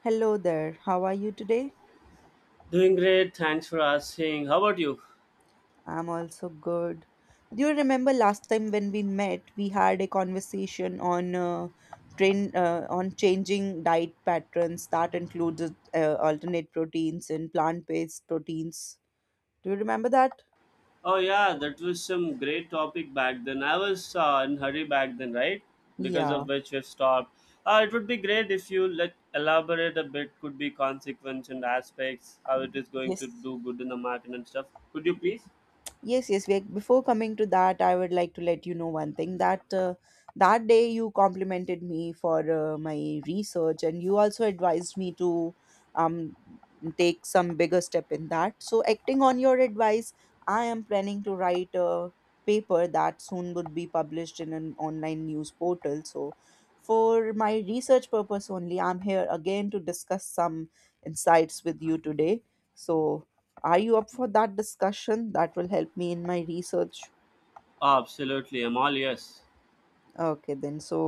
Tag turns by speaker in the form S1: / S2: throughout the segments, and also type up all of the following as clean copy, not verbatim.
S1: Hello there. How are you today?
S2: Doing great. Thanks for asking. How about you?
S1: I'm also good. Do you remember last time when we met, we had a conversation on train on changing diet patterns that includes alternate proteins and plant-based proteins. Do you remember that?
S2: Oh yeah, that was some great topic back then. I was in hurry back then, right? Because
S1: Yeah.
S2: of which we've stopped. It would be great if you let elaborate a bit. Could be consequence and aspects. How it is going to
S1: Yes.
S2: do good in the market and stuff. Could you please?
S1: Before coming to that, I would like to let you know one thing that day you complimented me for my research, and you also advised me to um take some bigger step in that. So, acting on your advice, I am planning to write a paper that soon would be published in an online news portal. So, for my research purpose only, I'm here again to discuss some insights with you today. So. Are you up for that discussion? That will help me in my research.
S2: Absolutely. I'm all yes.
S1: Okay, then. So,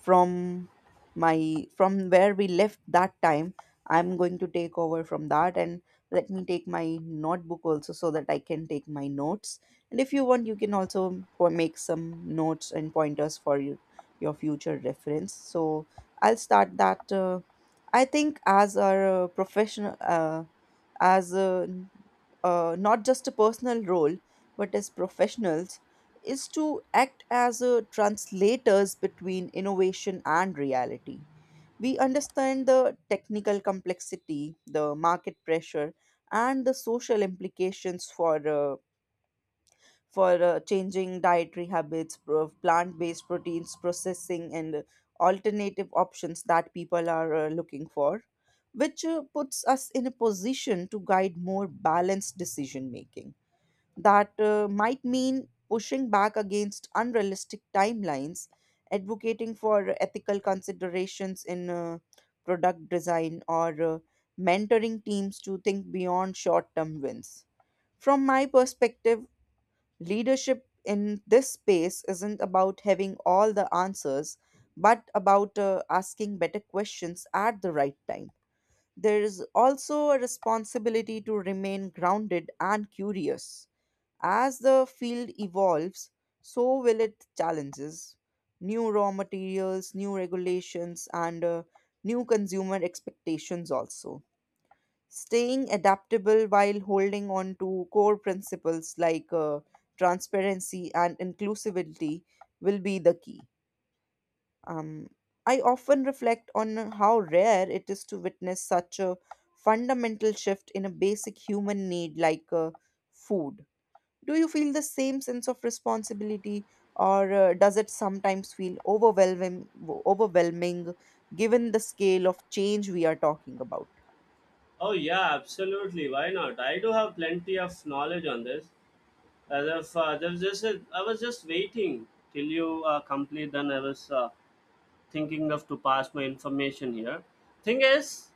S1: from my from where we left that time, I'm going to take over from that, and let me take my notebook also so that I can take my notes. And if you want, you can also make some notes and pointers for you, your future reference. So, I'll start that. I think as our professional, as a, not just a personal role, but as professionals, is to act as a translators between innovation and reality. We understand the technical complexity, the market pressure, and the social implications for changing dietary habits, plant-based proteins processing, and alternative options that people are looking for, which puts us in a position to guide more balanced decision making that might mean pushing back against unrealistic timelines, advocating for ethical considerations in product design, or mentoring teams to think beyond short term wins. From my perspective, leadership in this space isn't about having all the answers, but about asking better questions at the right time. There is also a responsibility to remain grounded and curious as the field evolves, so will its challenges. New raw materials, new regulations, and new consumer expectations also. Staying adaptable while holding on to core principles like transparency and inclusivity will be the key. Um, I often reflect on how rare it is to witness such a fundamental shift in a basic human need like food. Do you feel the same sense of responsibility, or does it sometimes feel overwhelming given the scale of change we are talking about?
S2: Oh yeah, absolutely. Why not? I do have plenty of knowledge on this. As if there was just a, I was just waiting till you complete. Then I was thinking of to pass my information here. Thing is,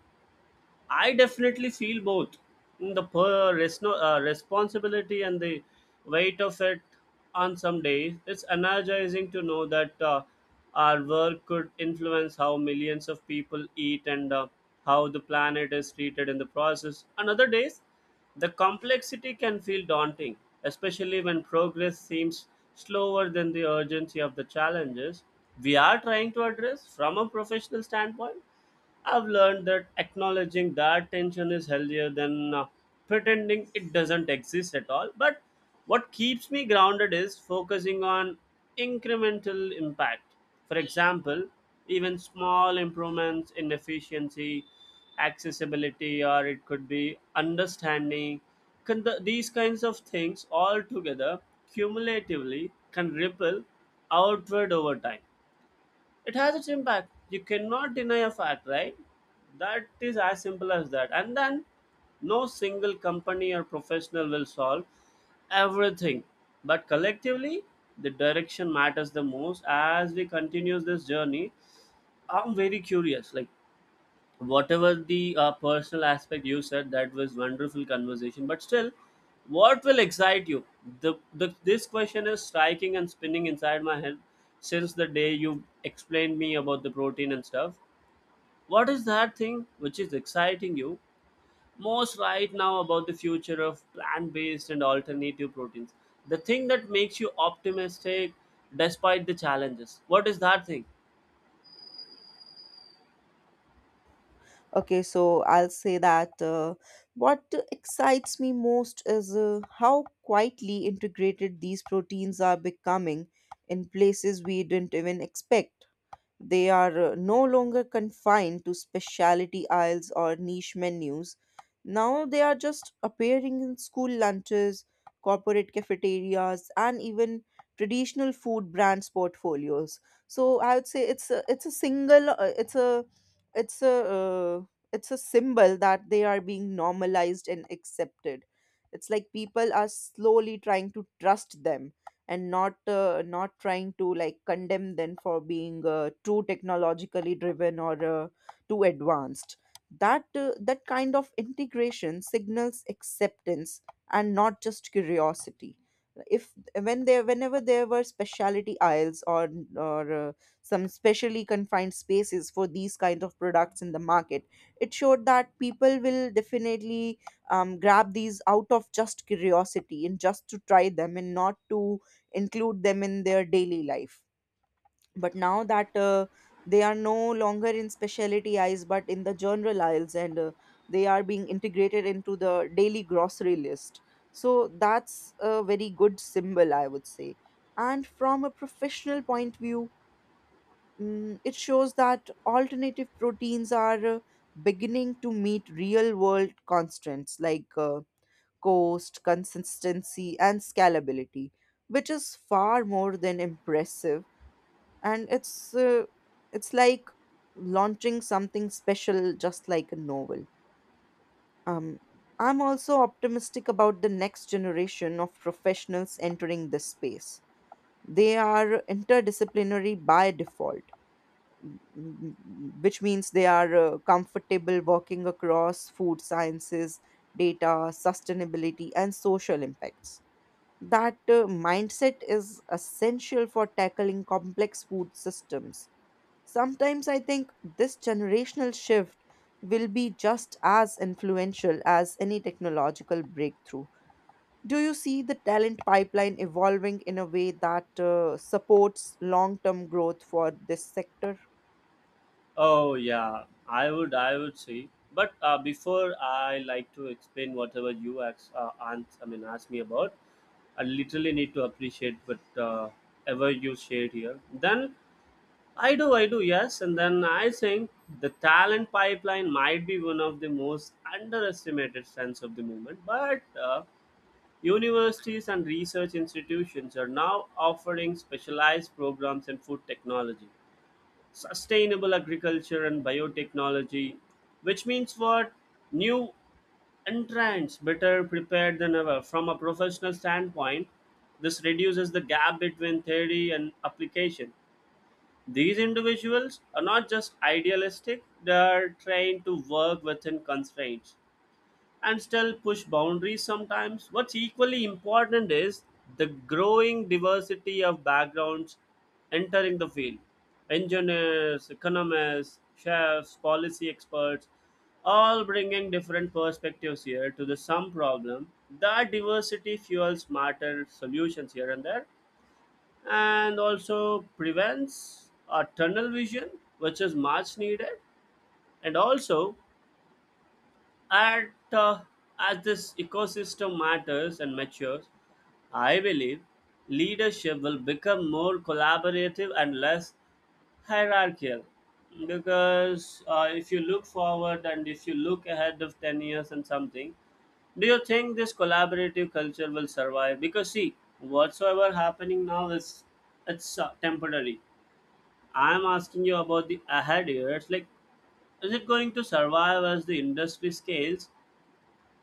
S2: I definitely feel both the responsibility and the weight of it on some days. It's energizing to know that our work could influence how millions of people eat, and how the planet is treated in the process. On other days, the complexity can feel daunting, especially when progress seems slower than the urgency of the challenges we are trying to address. From a professional standpoint, I've learned that acknowledging that tension is healthier than pretending it doesn't exist at all. But what keeps me grounded is focusing on incremental impact. For example, even small improvements in efficiency, accessibility, or it could be understanding. These kinds of things all together cumulatively can ripple outward over time. It has its impact. You cannot deny a fact, right? That is as simple as that. And then no single company or professional will solve everything. But collectively, the direction matters the most. As we continue this journey, I'm very curious. Like, whatever the personal aspect you said, that was wonderful conversation, but still, what will excite you? The, the this question is striking and spinning inside my head since the day you explained me about the protein and stuff. What is that thing which is exciting you most right now about the future of plant-based and alternative proteins? The thing that makes you optimistic despite the challenges, what is that thing?
S1: Okay, so I'll say that what excites me most is how quietly integrated these proteins are becoming in places we didn't even expect. They are no longer confined to specialty aisles or niche menus. Now they are just appearing in school lunches, corporate cafeterias, and even traditional food brands portfolios. So I would say it's a single it's a it's a it's a symbol that they are being normalized and accepted. It's like people are slowly trying to trust them and not trying to like condemn them for being too technologically driven or too advanced. That that kind of integration signals acceptance and not just curiosity. If when there Whenever there were specialty aisles or or uh, some specially confined spaces for these kinds of products in the market, it showed that people will definitely grab these out of just curiosity and just to try them and not to include them in their daily life. But now that they are no longer in specialty aisles but in the general aisles, and they are being integrated into the daily grocery list, so that's a very good symbol, I would say. And from a professional point of view, it shows that alternative proteins are beginning to meet real world constraints like cost, consistency, and scalability, which is far more than impressive. And it's like launching something special, just like a novel. Um, I'm also optimistic about the next generation of professionals entering this space. They are interdisciplinary by default, m- which means they are comfortable working across food sciences, data, sustainability, and social impacts. That mindset is essential for tackling complex food systems. Sometimes I think this generational shift will be just as influential as any technological breakthrough. Do you see the talent pipeline evolving in a way that supports long term growth for this sector?
S2: Oh yeah, I would say. But before I like to explain whatever you ask, ask me about, I literally need to appreciate what ever you shared here. Then I do yes, and then I think the talent pipeline might be one of the most underestimated strengths of the movement. But universities and research institutions are now offering specialized programs in food technology, sustainable agriculture, and biotechnology, which means what? New entrants better prepared than ever. From a professional standpoint, this reduces the gap between theory and application. These individuals are not just idealistic, they are trained to work within constraints and still push boundaries sometimes. What's equally important is the growing diversity of backgrounds entering the field: engineers, economists, chefs, policy experts, all bringing different perspectives here to the sum problem. That diversity fuels smarter solutions here and there, and also prevents a tunnel vision, which is much needed, and also and as this ecosystem matters and matures, I believe leadership will become more collaborative and less hierarchical. Because if you look forward and if you look ahead of 10 years and something, do you think this collaborative culture will survive? Because see, whatsoever happening now is, it's temporary. I am asking you about the ahead years. Like, is it going to survive as the industry scales?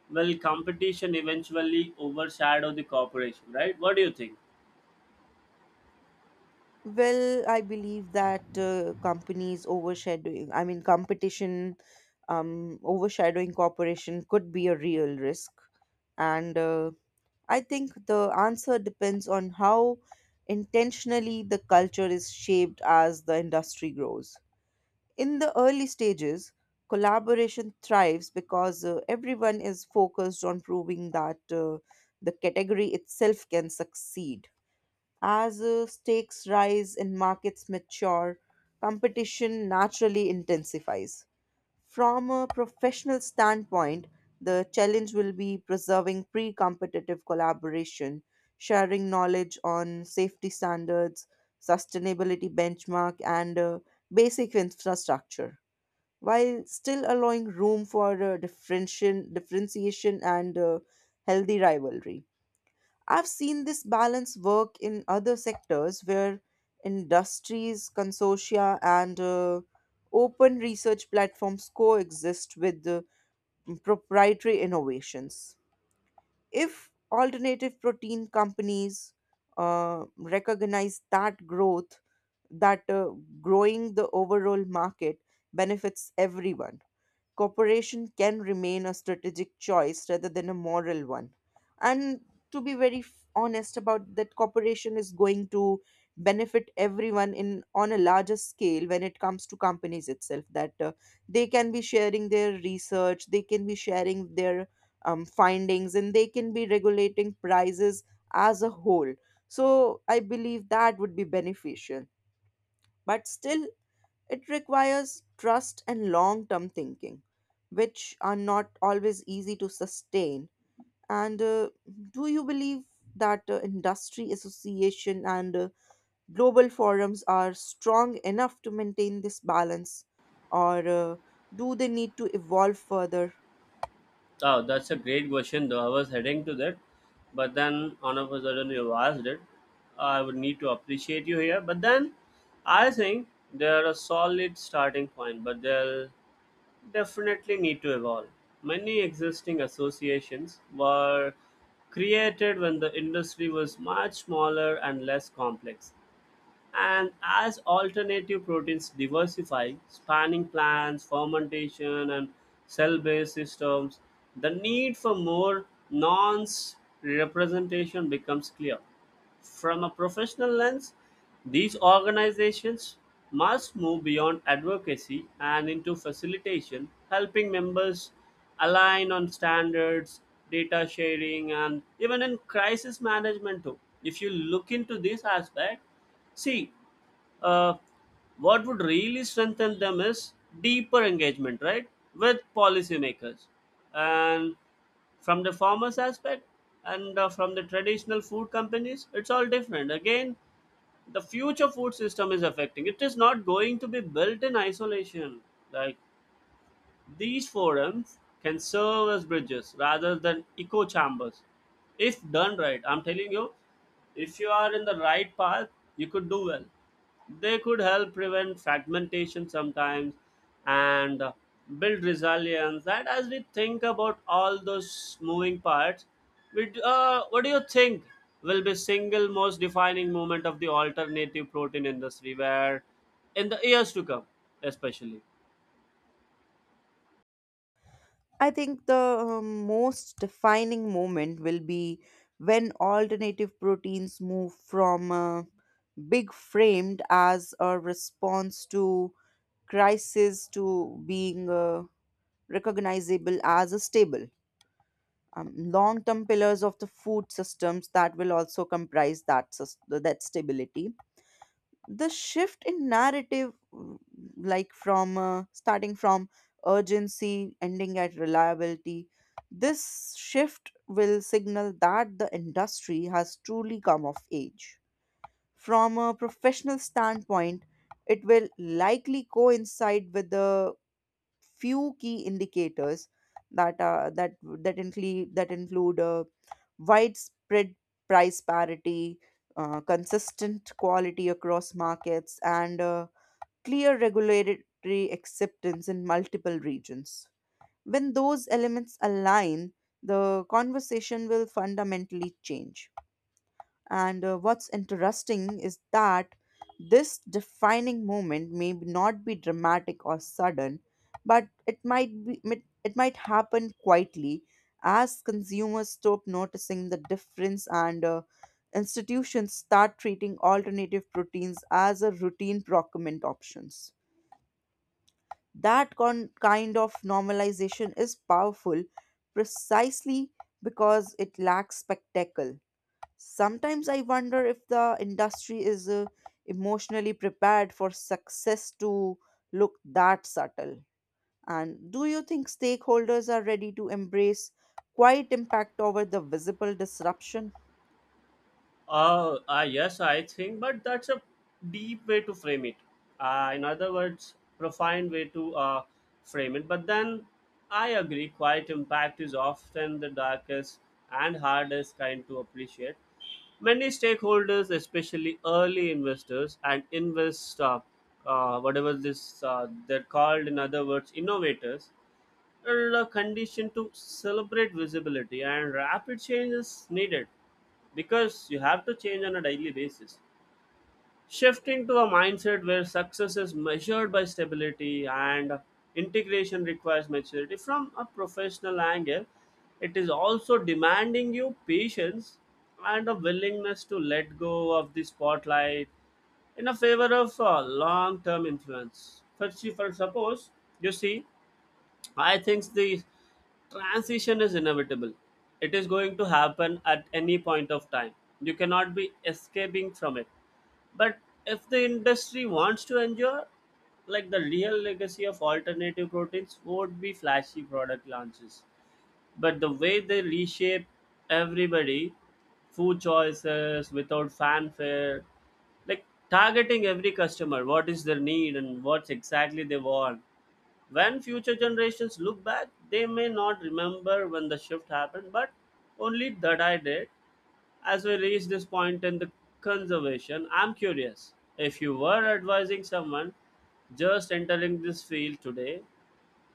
S2: Well, competition eventually overshadow the cooperation, right? What do you think?
S1: Well, I believe that companies overshadowing, I mean, competition overshadowing cooperation could be a real risk. And I think the answer depends on how intentionally the culture is shaped as the industry grows. In the early stages, collaboration thrives because everyone is focused on proving that the category itself can succeed. As stakes rise and markets mature, competition naturally intensifies. From a professional standpoint, the challenge will be preserving pre competitive collaboration, sharing knowledge on safety standards, sustainability benchmark, and basic infrastructure, while still allowing room for differentiation and healthy rivalry. I've seen this balance work in other sectors where industries, consortia, and open research platforms coexist with proprietary innovations. If alternative protein companies recognize that that uh, growing the overall market benefits everyone, cooperation can remain a strategic choice rather than a moral one. And to be very honest about that, cooperation is going to benefit everyone in on a larger scale when it comes to companies itself, that they can be sharing their research, they can be sharing their findings, and they can be regulating prices as a whole. So I believe that would be beneficial, but still it requires trust and long term thinking, which are not always easy to sustain. And do you believe that industry association and global forums are strong enough to maintain this balance, or do they need to evolve further?
S2: Oh, that's a great question, though. I was heading to that, but then all of a sudden you asked it. I would need to appreciate you here, but then I think they're a solid starting point, but they'll definitely need to evolve. Many existing associations were created when the industry was much smaller and less complex. And as alternative proteins diversify, spanning plants, fermentation, and cell based systems, the need for more nonce representation becomes clear. From a professional lens, these organizations must move beyond advocacy and into facilitation, helping members align on standards, data sharing, and even in crisis management too. If you look into this aspect, see, uh, what would really strengthen them is deeper engagement, right, with policymakers. And from the farmers aspect, and from the traditional food companies, it's all different again. The future food system is affecting, it is not going to be built in isolation. Like, these forums can serve as bridges rather than echo chambers. If done right, I'm telling you, if you are in the right path, you could do well. They could help prevent fragmentation sometimes, and build resilience. That as we think about all those moving parts, what do you think will be single most defining moment of the alternative protein industry where, in the years to come, especially?
S1: I think the most defining moment will be when alternative proteins move from big framed as a response to crisis to being recognizable as a stable. Long-term pillars of the food systems that will also comprise that that stability. The shift in narrative, like from starting from urgency, ending at reliability, this shift will signal that the industry has truly come of age. From a professional standpoint, it will likely coincide with the few key indicators that include widespread price parity, consistent quality across markets, and clear regulatory acceptance in multiple regions. When those elements align, the conversation will fundamentally change. And what's interesting is that this defining moment may not be dramatic or sudden, but it might happen quietly as consumers stop noticing the difference, and institutions start treating alternative proteins as a routine procurement options. That kind of normalization is powerful precisely because it lacks spectacle. Sometimes I wonder if the industry is emotionally prepared for success to look that subtle. And do you think stakeholders are ready to embrace quiet impact over the visible disruption?
S2: Yes, I think, but that's a deep way to frame it. In other words, profound way to frame it. But then I agree, quiet impact is often the darkest and hardest kind to appreciate. Many stakeholders, especially early investors and invest, whatever this they're called in other words, innovators, are conditioned to celebrate visibility and rapid change is needed because you have to change on a daily basis. Shifting to a mindset where success is measured by stability and integration requires maturity. From a professional angle, it is also demanding you patience and a willingness to let go of the spotlight in a favor of long-term influence. For Suppose you see, I think the transition is inevitable. It is going to happen at any point of time. You cannot be escaping from it. But if the industry wants to endure, like the real legacy of alternative proteins would be flashy product launches. But the way they reshape everybody, food choices without fanfare, like targeting every customer, what is their need and what exactly they want. When future generations look back, they may not remember when the shift happened, but only that I did. As we reach this point in the conservation, I'm curious, if you were advising someone just entering this field today,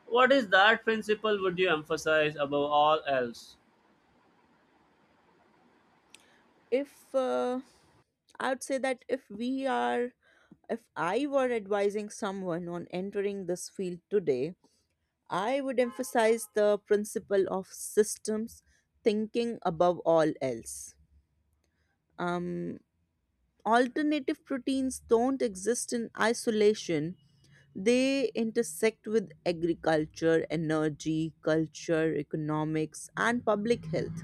S2: what is that principle would you emphasize above all else?
S1: If I would say that if we are if I were advising someone on entering this field today, I would emphasize the principle of systems thinking above all else. Um, Alternative proteins don't exist in isolation, they intersect with agriculture, energy, culture, economics, and public health.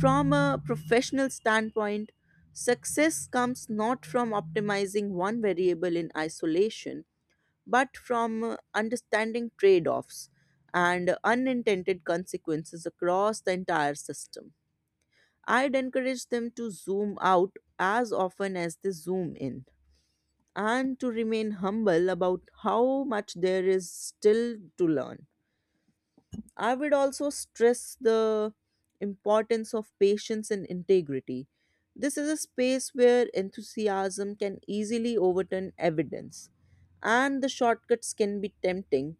S1: From a professional standpoint, success comes not from optimizing one variable in isolation, but from understanding trade offs and unintended consequences across the entire system. I'd encourage them to zoom out as often as they zoom in, and to remain humble about how much there is still to learn. I would also stress the importance of patience and integrity. This is a space where enthusiasm can easily overturn evidence, and the shortcuts can be tempting,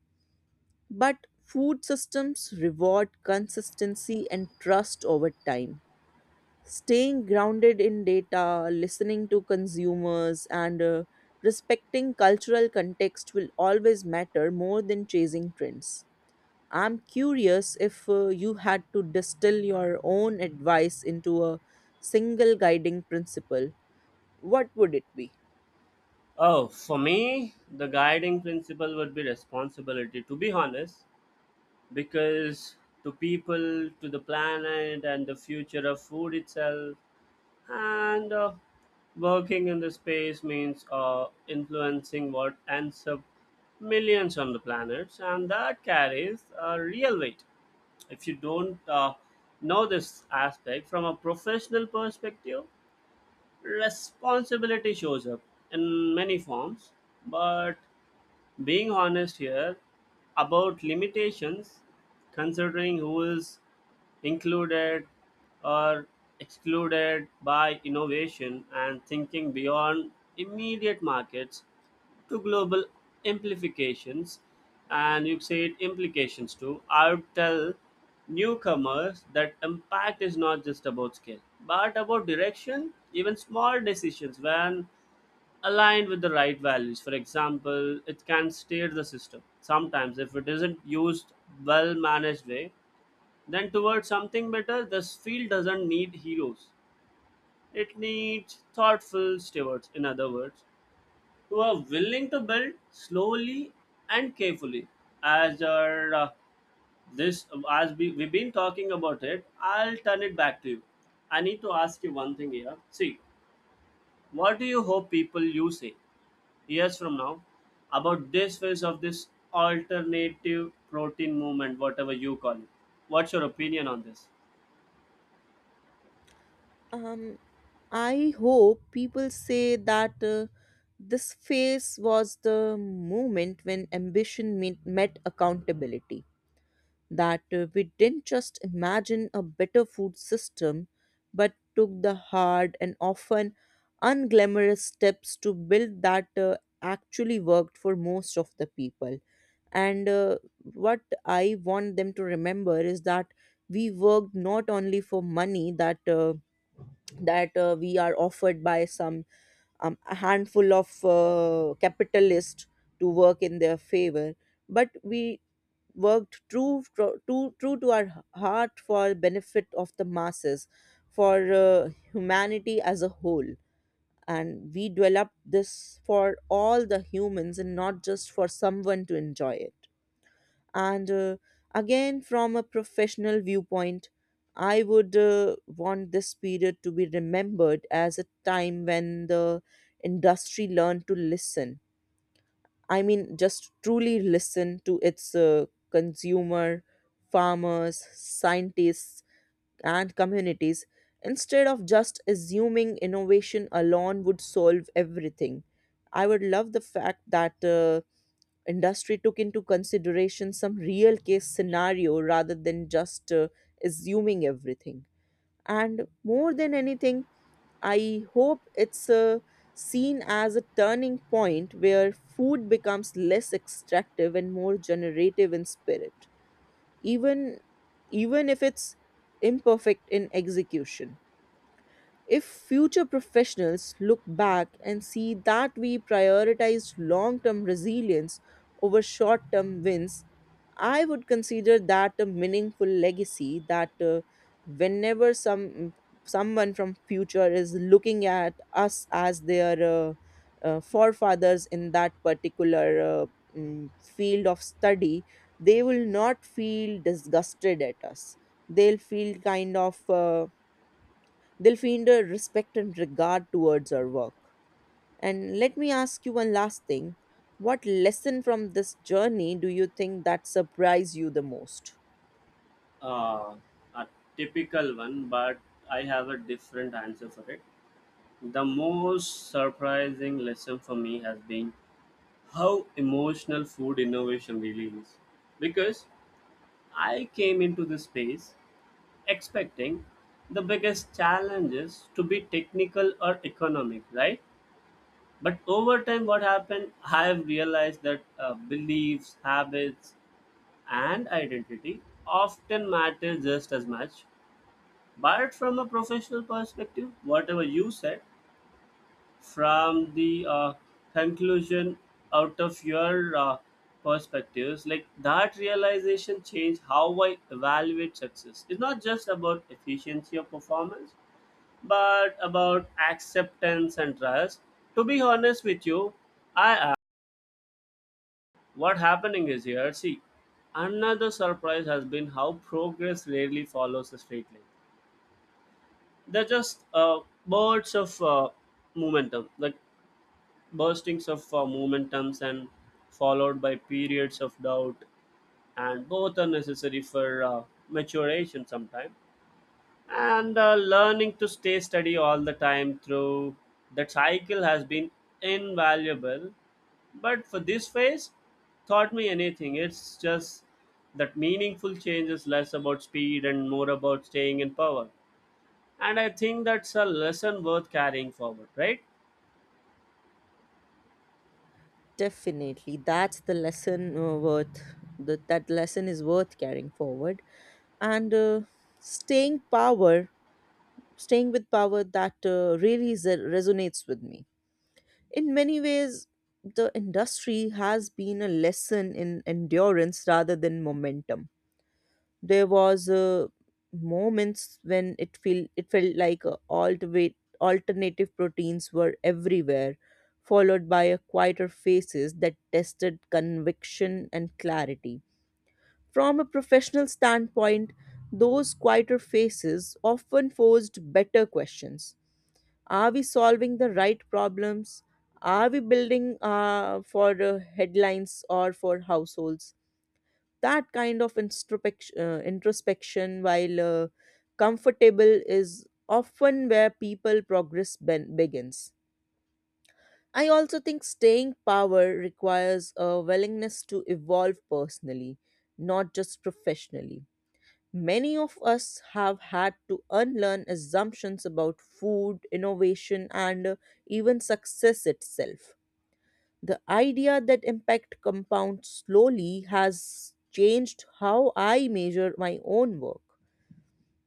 S1: but food systems reward consistency and trust over time. Staying grounded in data, listening to consumers, and respecting cultural context will always matter more than chasing trends. I'm curious if you had to distill your own advice into a single guiding principle, what would it be?
S2: Oh, for me, the guiding principle would be responsibility, to be honest, because to people, to the planet, and the future of food itself, and working in the space means influencing what ends up millions on the planets, and that carries a real weight. If you don't know this aspect, from a professional perspective, responsibility shows up in many forms, but being honest here about limitations, considering who is included or excluded by innovation, and thinking beyond immediate markets to global amplifications, and you said implications too. I would tell newcomers that impact is not just about scale, but about direction. Even small decisions, when aligned with the right values, for example, it can steer the system sometimes, if it isn't used well managed way, then, towards something better. This field doesn't need heroes. It needs thoughtful stewards, in other words, who are willing to build slowly and carefully. As our, uh, this, as we've been talking about it, I'll turn it back to you. I need to ask you one thing here. See, what do you hope people you say years from now about this phase of this alternative protein movement, whatever you call it? What's your opinion on this?
S1: Um, I hope people say that this phase was the moment when ambition meet, met accountability, that we didn't just imagine a better food system, but took the hard and often unglamorous steps to build that actually worked for most of the people. And what I want them to remember is that we worked not only for money that we are offered by some a handful of capitalists to work in their favor, but we worked true to our heart for benefit of the masses, for humanity as a whole. And we developed this for all the humans and not just for someone to enjoy it and again, from a professional viewpoint, I would want this period to be remembered as a time when the industry learned to listen, I mean just truly listen to its consumer, farmers, scientists, and communities, instead of just assuming innovation alone would solve everything. I would love the fact that industry took into consideration some real case scenario rather than just assuming everything. And more than anything, I hope it's seen as a turning point where food becomes less extractive and more generative in spirit, even even if it's imperfect in execution. If future professionals look back and see that we prioritized long term resilience over short term wins, I would consider that a meaningful legacy, that whenever someone from future is looking at us as their forefathers in that particular field of study, they will not feel disgusted at us. They'll feel kind of they'll find a respect and regard towards our work. And let me ask you one last thing. What lesson from this journey do you think that surprised you the most?
S2: uh, a typical one, but I have a different answer for it. The most surprising lesson for me has been how emotional food innovation really is. Because I came into this space expecting the biggest challenges to be technical or economic, right? But over time, what happened, I have realized that beliefs, habits, and identity often matter just as much. But from a professional perspective, whatever you said, from the conclusion out of your perspectives, like that realization changed how I evaluate success. It's not just about efficiency or performance, but about acceptance and trust. To be honest with you, I am. What happening is here. See, another surprise has been how progress rarely follows a straight line. They're just bursts of momentum, like burstings of momentums, and followed by periods of doubt, and both are necessary for maturation sometime. And learning to stay steady all the time through that cycle has been invaluable. But for this phase, taught me anything. It's just that meaningful change is less about speed and more about staying in power, and I think that's a lesson worth carrying forward, right?
S1: Definitely, that's the lesson worth. That lesson is worth carrying forward. And Staying power, staying with power, that really is, resonates with me in many ways. The industry has been a lesson in endurance rather than momentum. There was moments when it felt like alternate alternative proteins were everywhere, followed by a quieter phases that tested conviction and clarity. From a professional standpoint, those quieter phases often posed better questions. Are we solving the right problems? Are we building for headlines or for households? That kind of introspection, while comfortable, is often where people progress begins. I also think staying power requires a willingness to evolve personally, not just professionally. Many of us have had to unlearn assumptions about food innovation and even success itself. The idea that impact compounds slowly has changed how I measure my own work.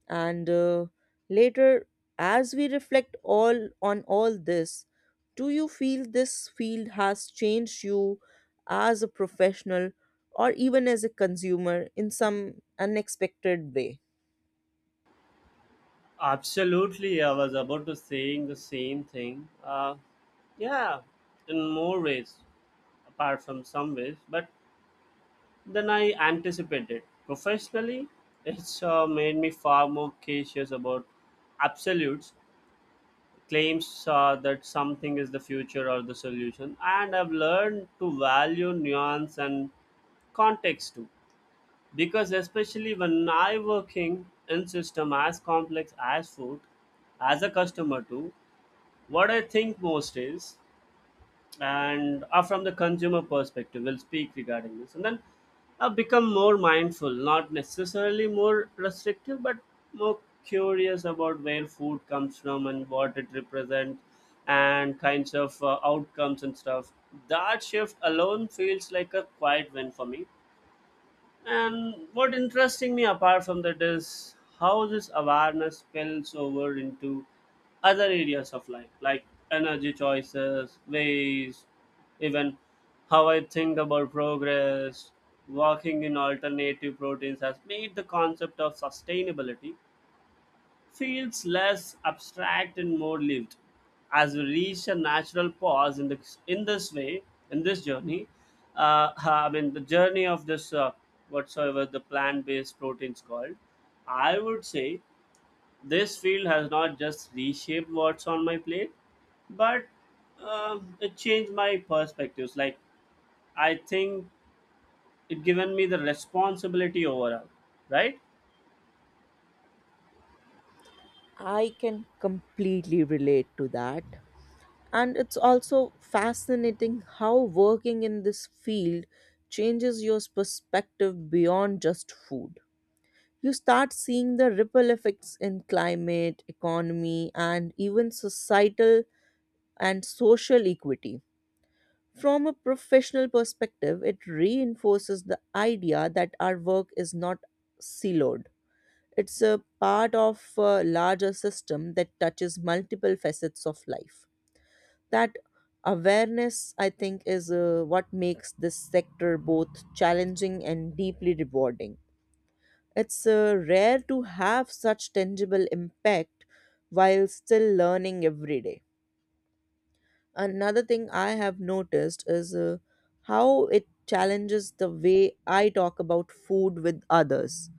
S1: And Later, as we reflect all on all this, do you feel this field has changed you as a professional, or even as a consumer, in some unexpected way?
S2: Absolutely, I was about to saying the same thing, yeah, in more ways apart from some ways, but then I anticipated. Professionally, it's made me far more cautious about absolutes claims, that something is the future or the solution, and I've learned to value nuance and context too. Because especially when I working in system as complex as food, as a customer too, what I think most is, and from the consumer perspective, we'll speak regarding this, and then become more mindful, not necessarily more restrictive, but more curious about where food comes from and what it represents, and kinds of outcomes and stuff. That shift alone feels like a quiet win for me, and what interesting me apart from that is how this awareness spills over into other areas of life, like energy choices, waste, even how I think about progress. Working in alternative proteins has made the concept of sustainability feels less abstract and more lived. As we reach a natural pause in this way, in this journey, I mean, the journey of this, whatsoever the plant based proteins called, I would say this field has not just reshaped what's on my plate, but it changed my perspectives. Like, I think it given me the responsibility overall, right?
S1: I can completely relate to that. And it's also fascinating how working in this field changes your perspective beyond just food. You start seeing the ripple effects in climate, economy, and even societal and social equity. From a professional perspective, it reinforces the idea that our work is not siloed. It's a part of a larger system that touches multiple facets of life. That awareness, I think, is what makes this sector both challenging and deeply rewarding. It's rare to have such tangible impact while still learning every day. Another thing I have noticed is how it challenges the way I talk about food with others.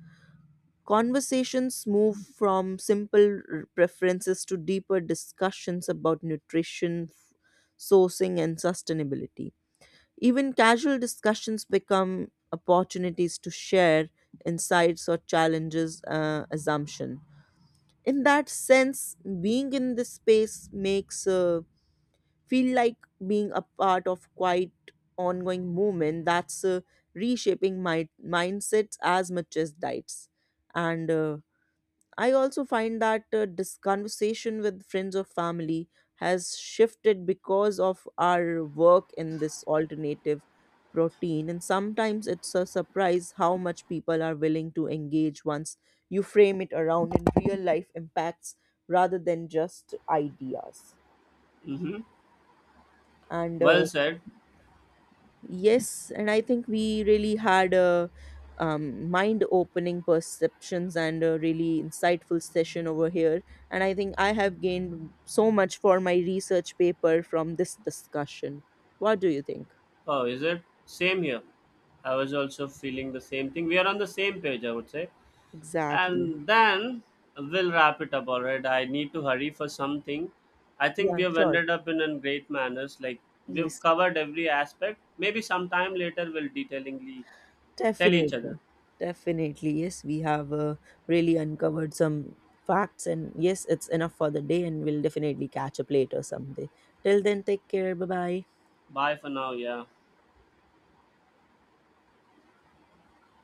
S1: Conversations move from simple preferences to deeper discussions about nutrition, sourcing, and sustainability. Even casual discussions become opportunities to share insights or challenges assumption. In that sense, being in this space makes feel like being a part of quite ongoing movement that's reshaping my mindsets as much as diets. And I also find that this conversation with friends or family has shifted because of our work in this alternative protein. And sometimes it's a surprise how much people are willing to engage once you frame it around in real life impacts rather than just ideas.
S2: Mm-hmm.
S1: And
S2: Well said.
S1: Yes, and I think we really had a mind-opening perceptions and a really insightful session over here. And I think I have gained so much for my research paper from this discussion. What do you think?
S2: Oh, is it? Same here. I was also feeling the same thing. We are on the same page, I would say.
S1: Exactly.
S2: And then we'll wrap it up, all right? I need to hurry for something. I think
S1: Yeah,
S2: we have
S1: sure.
S2: ended up in a great manners. Like we've
S1: Yes,
S2: covered every aspect. Maybe sometime later we'll detailingly tell each other.
S1: definitely. Definitely. Yes, we have really uncovered some facts, and yes, it's enough for the day, and we'll definitely catch up later someday. Till then, take care. Bye bye.
S2: Bye for now. Yeah.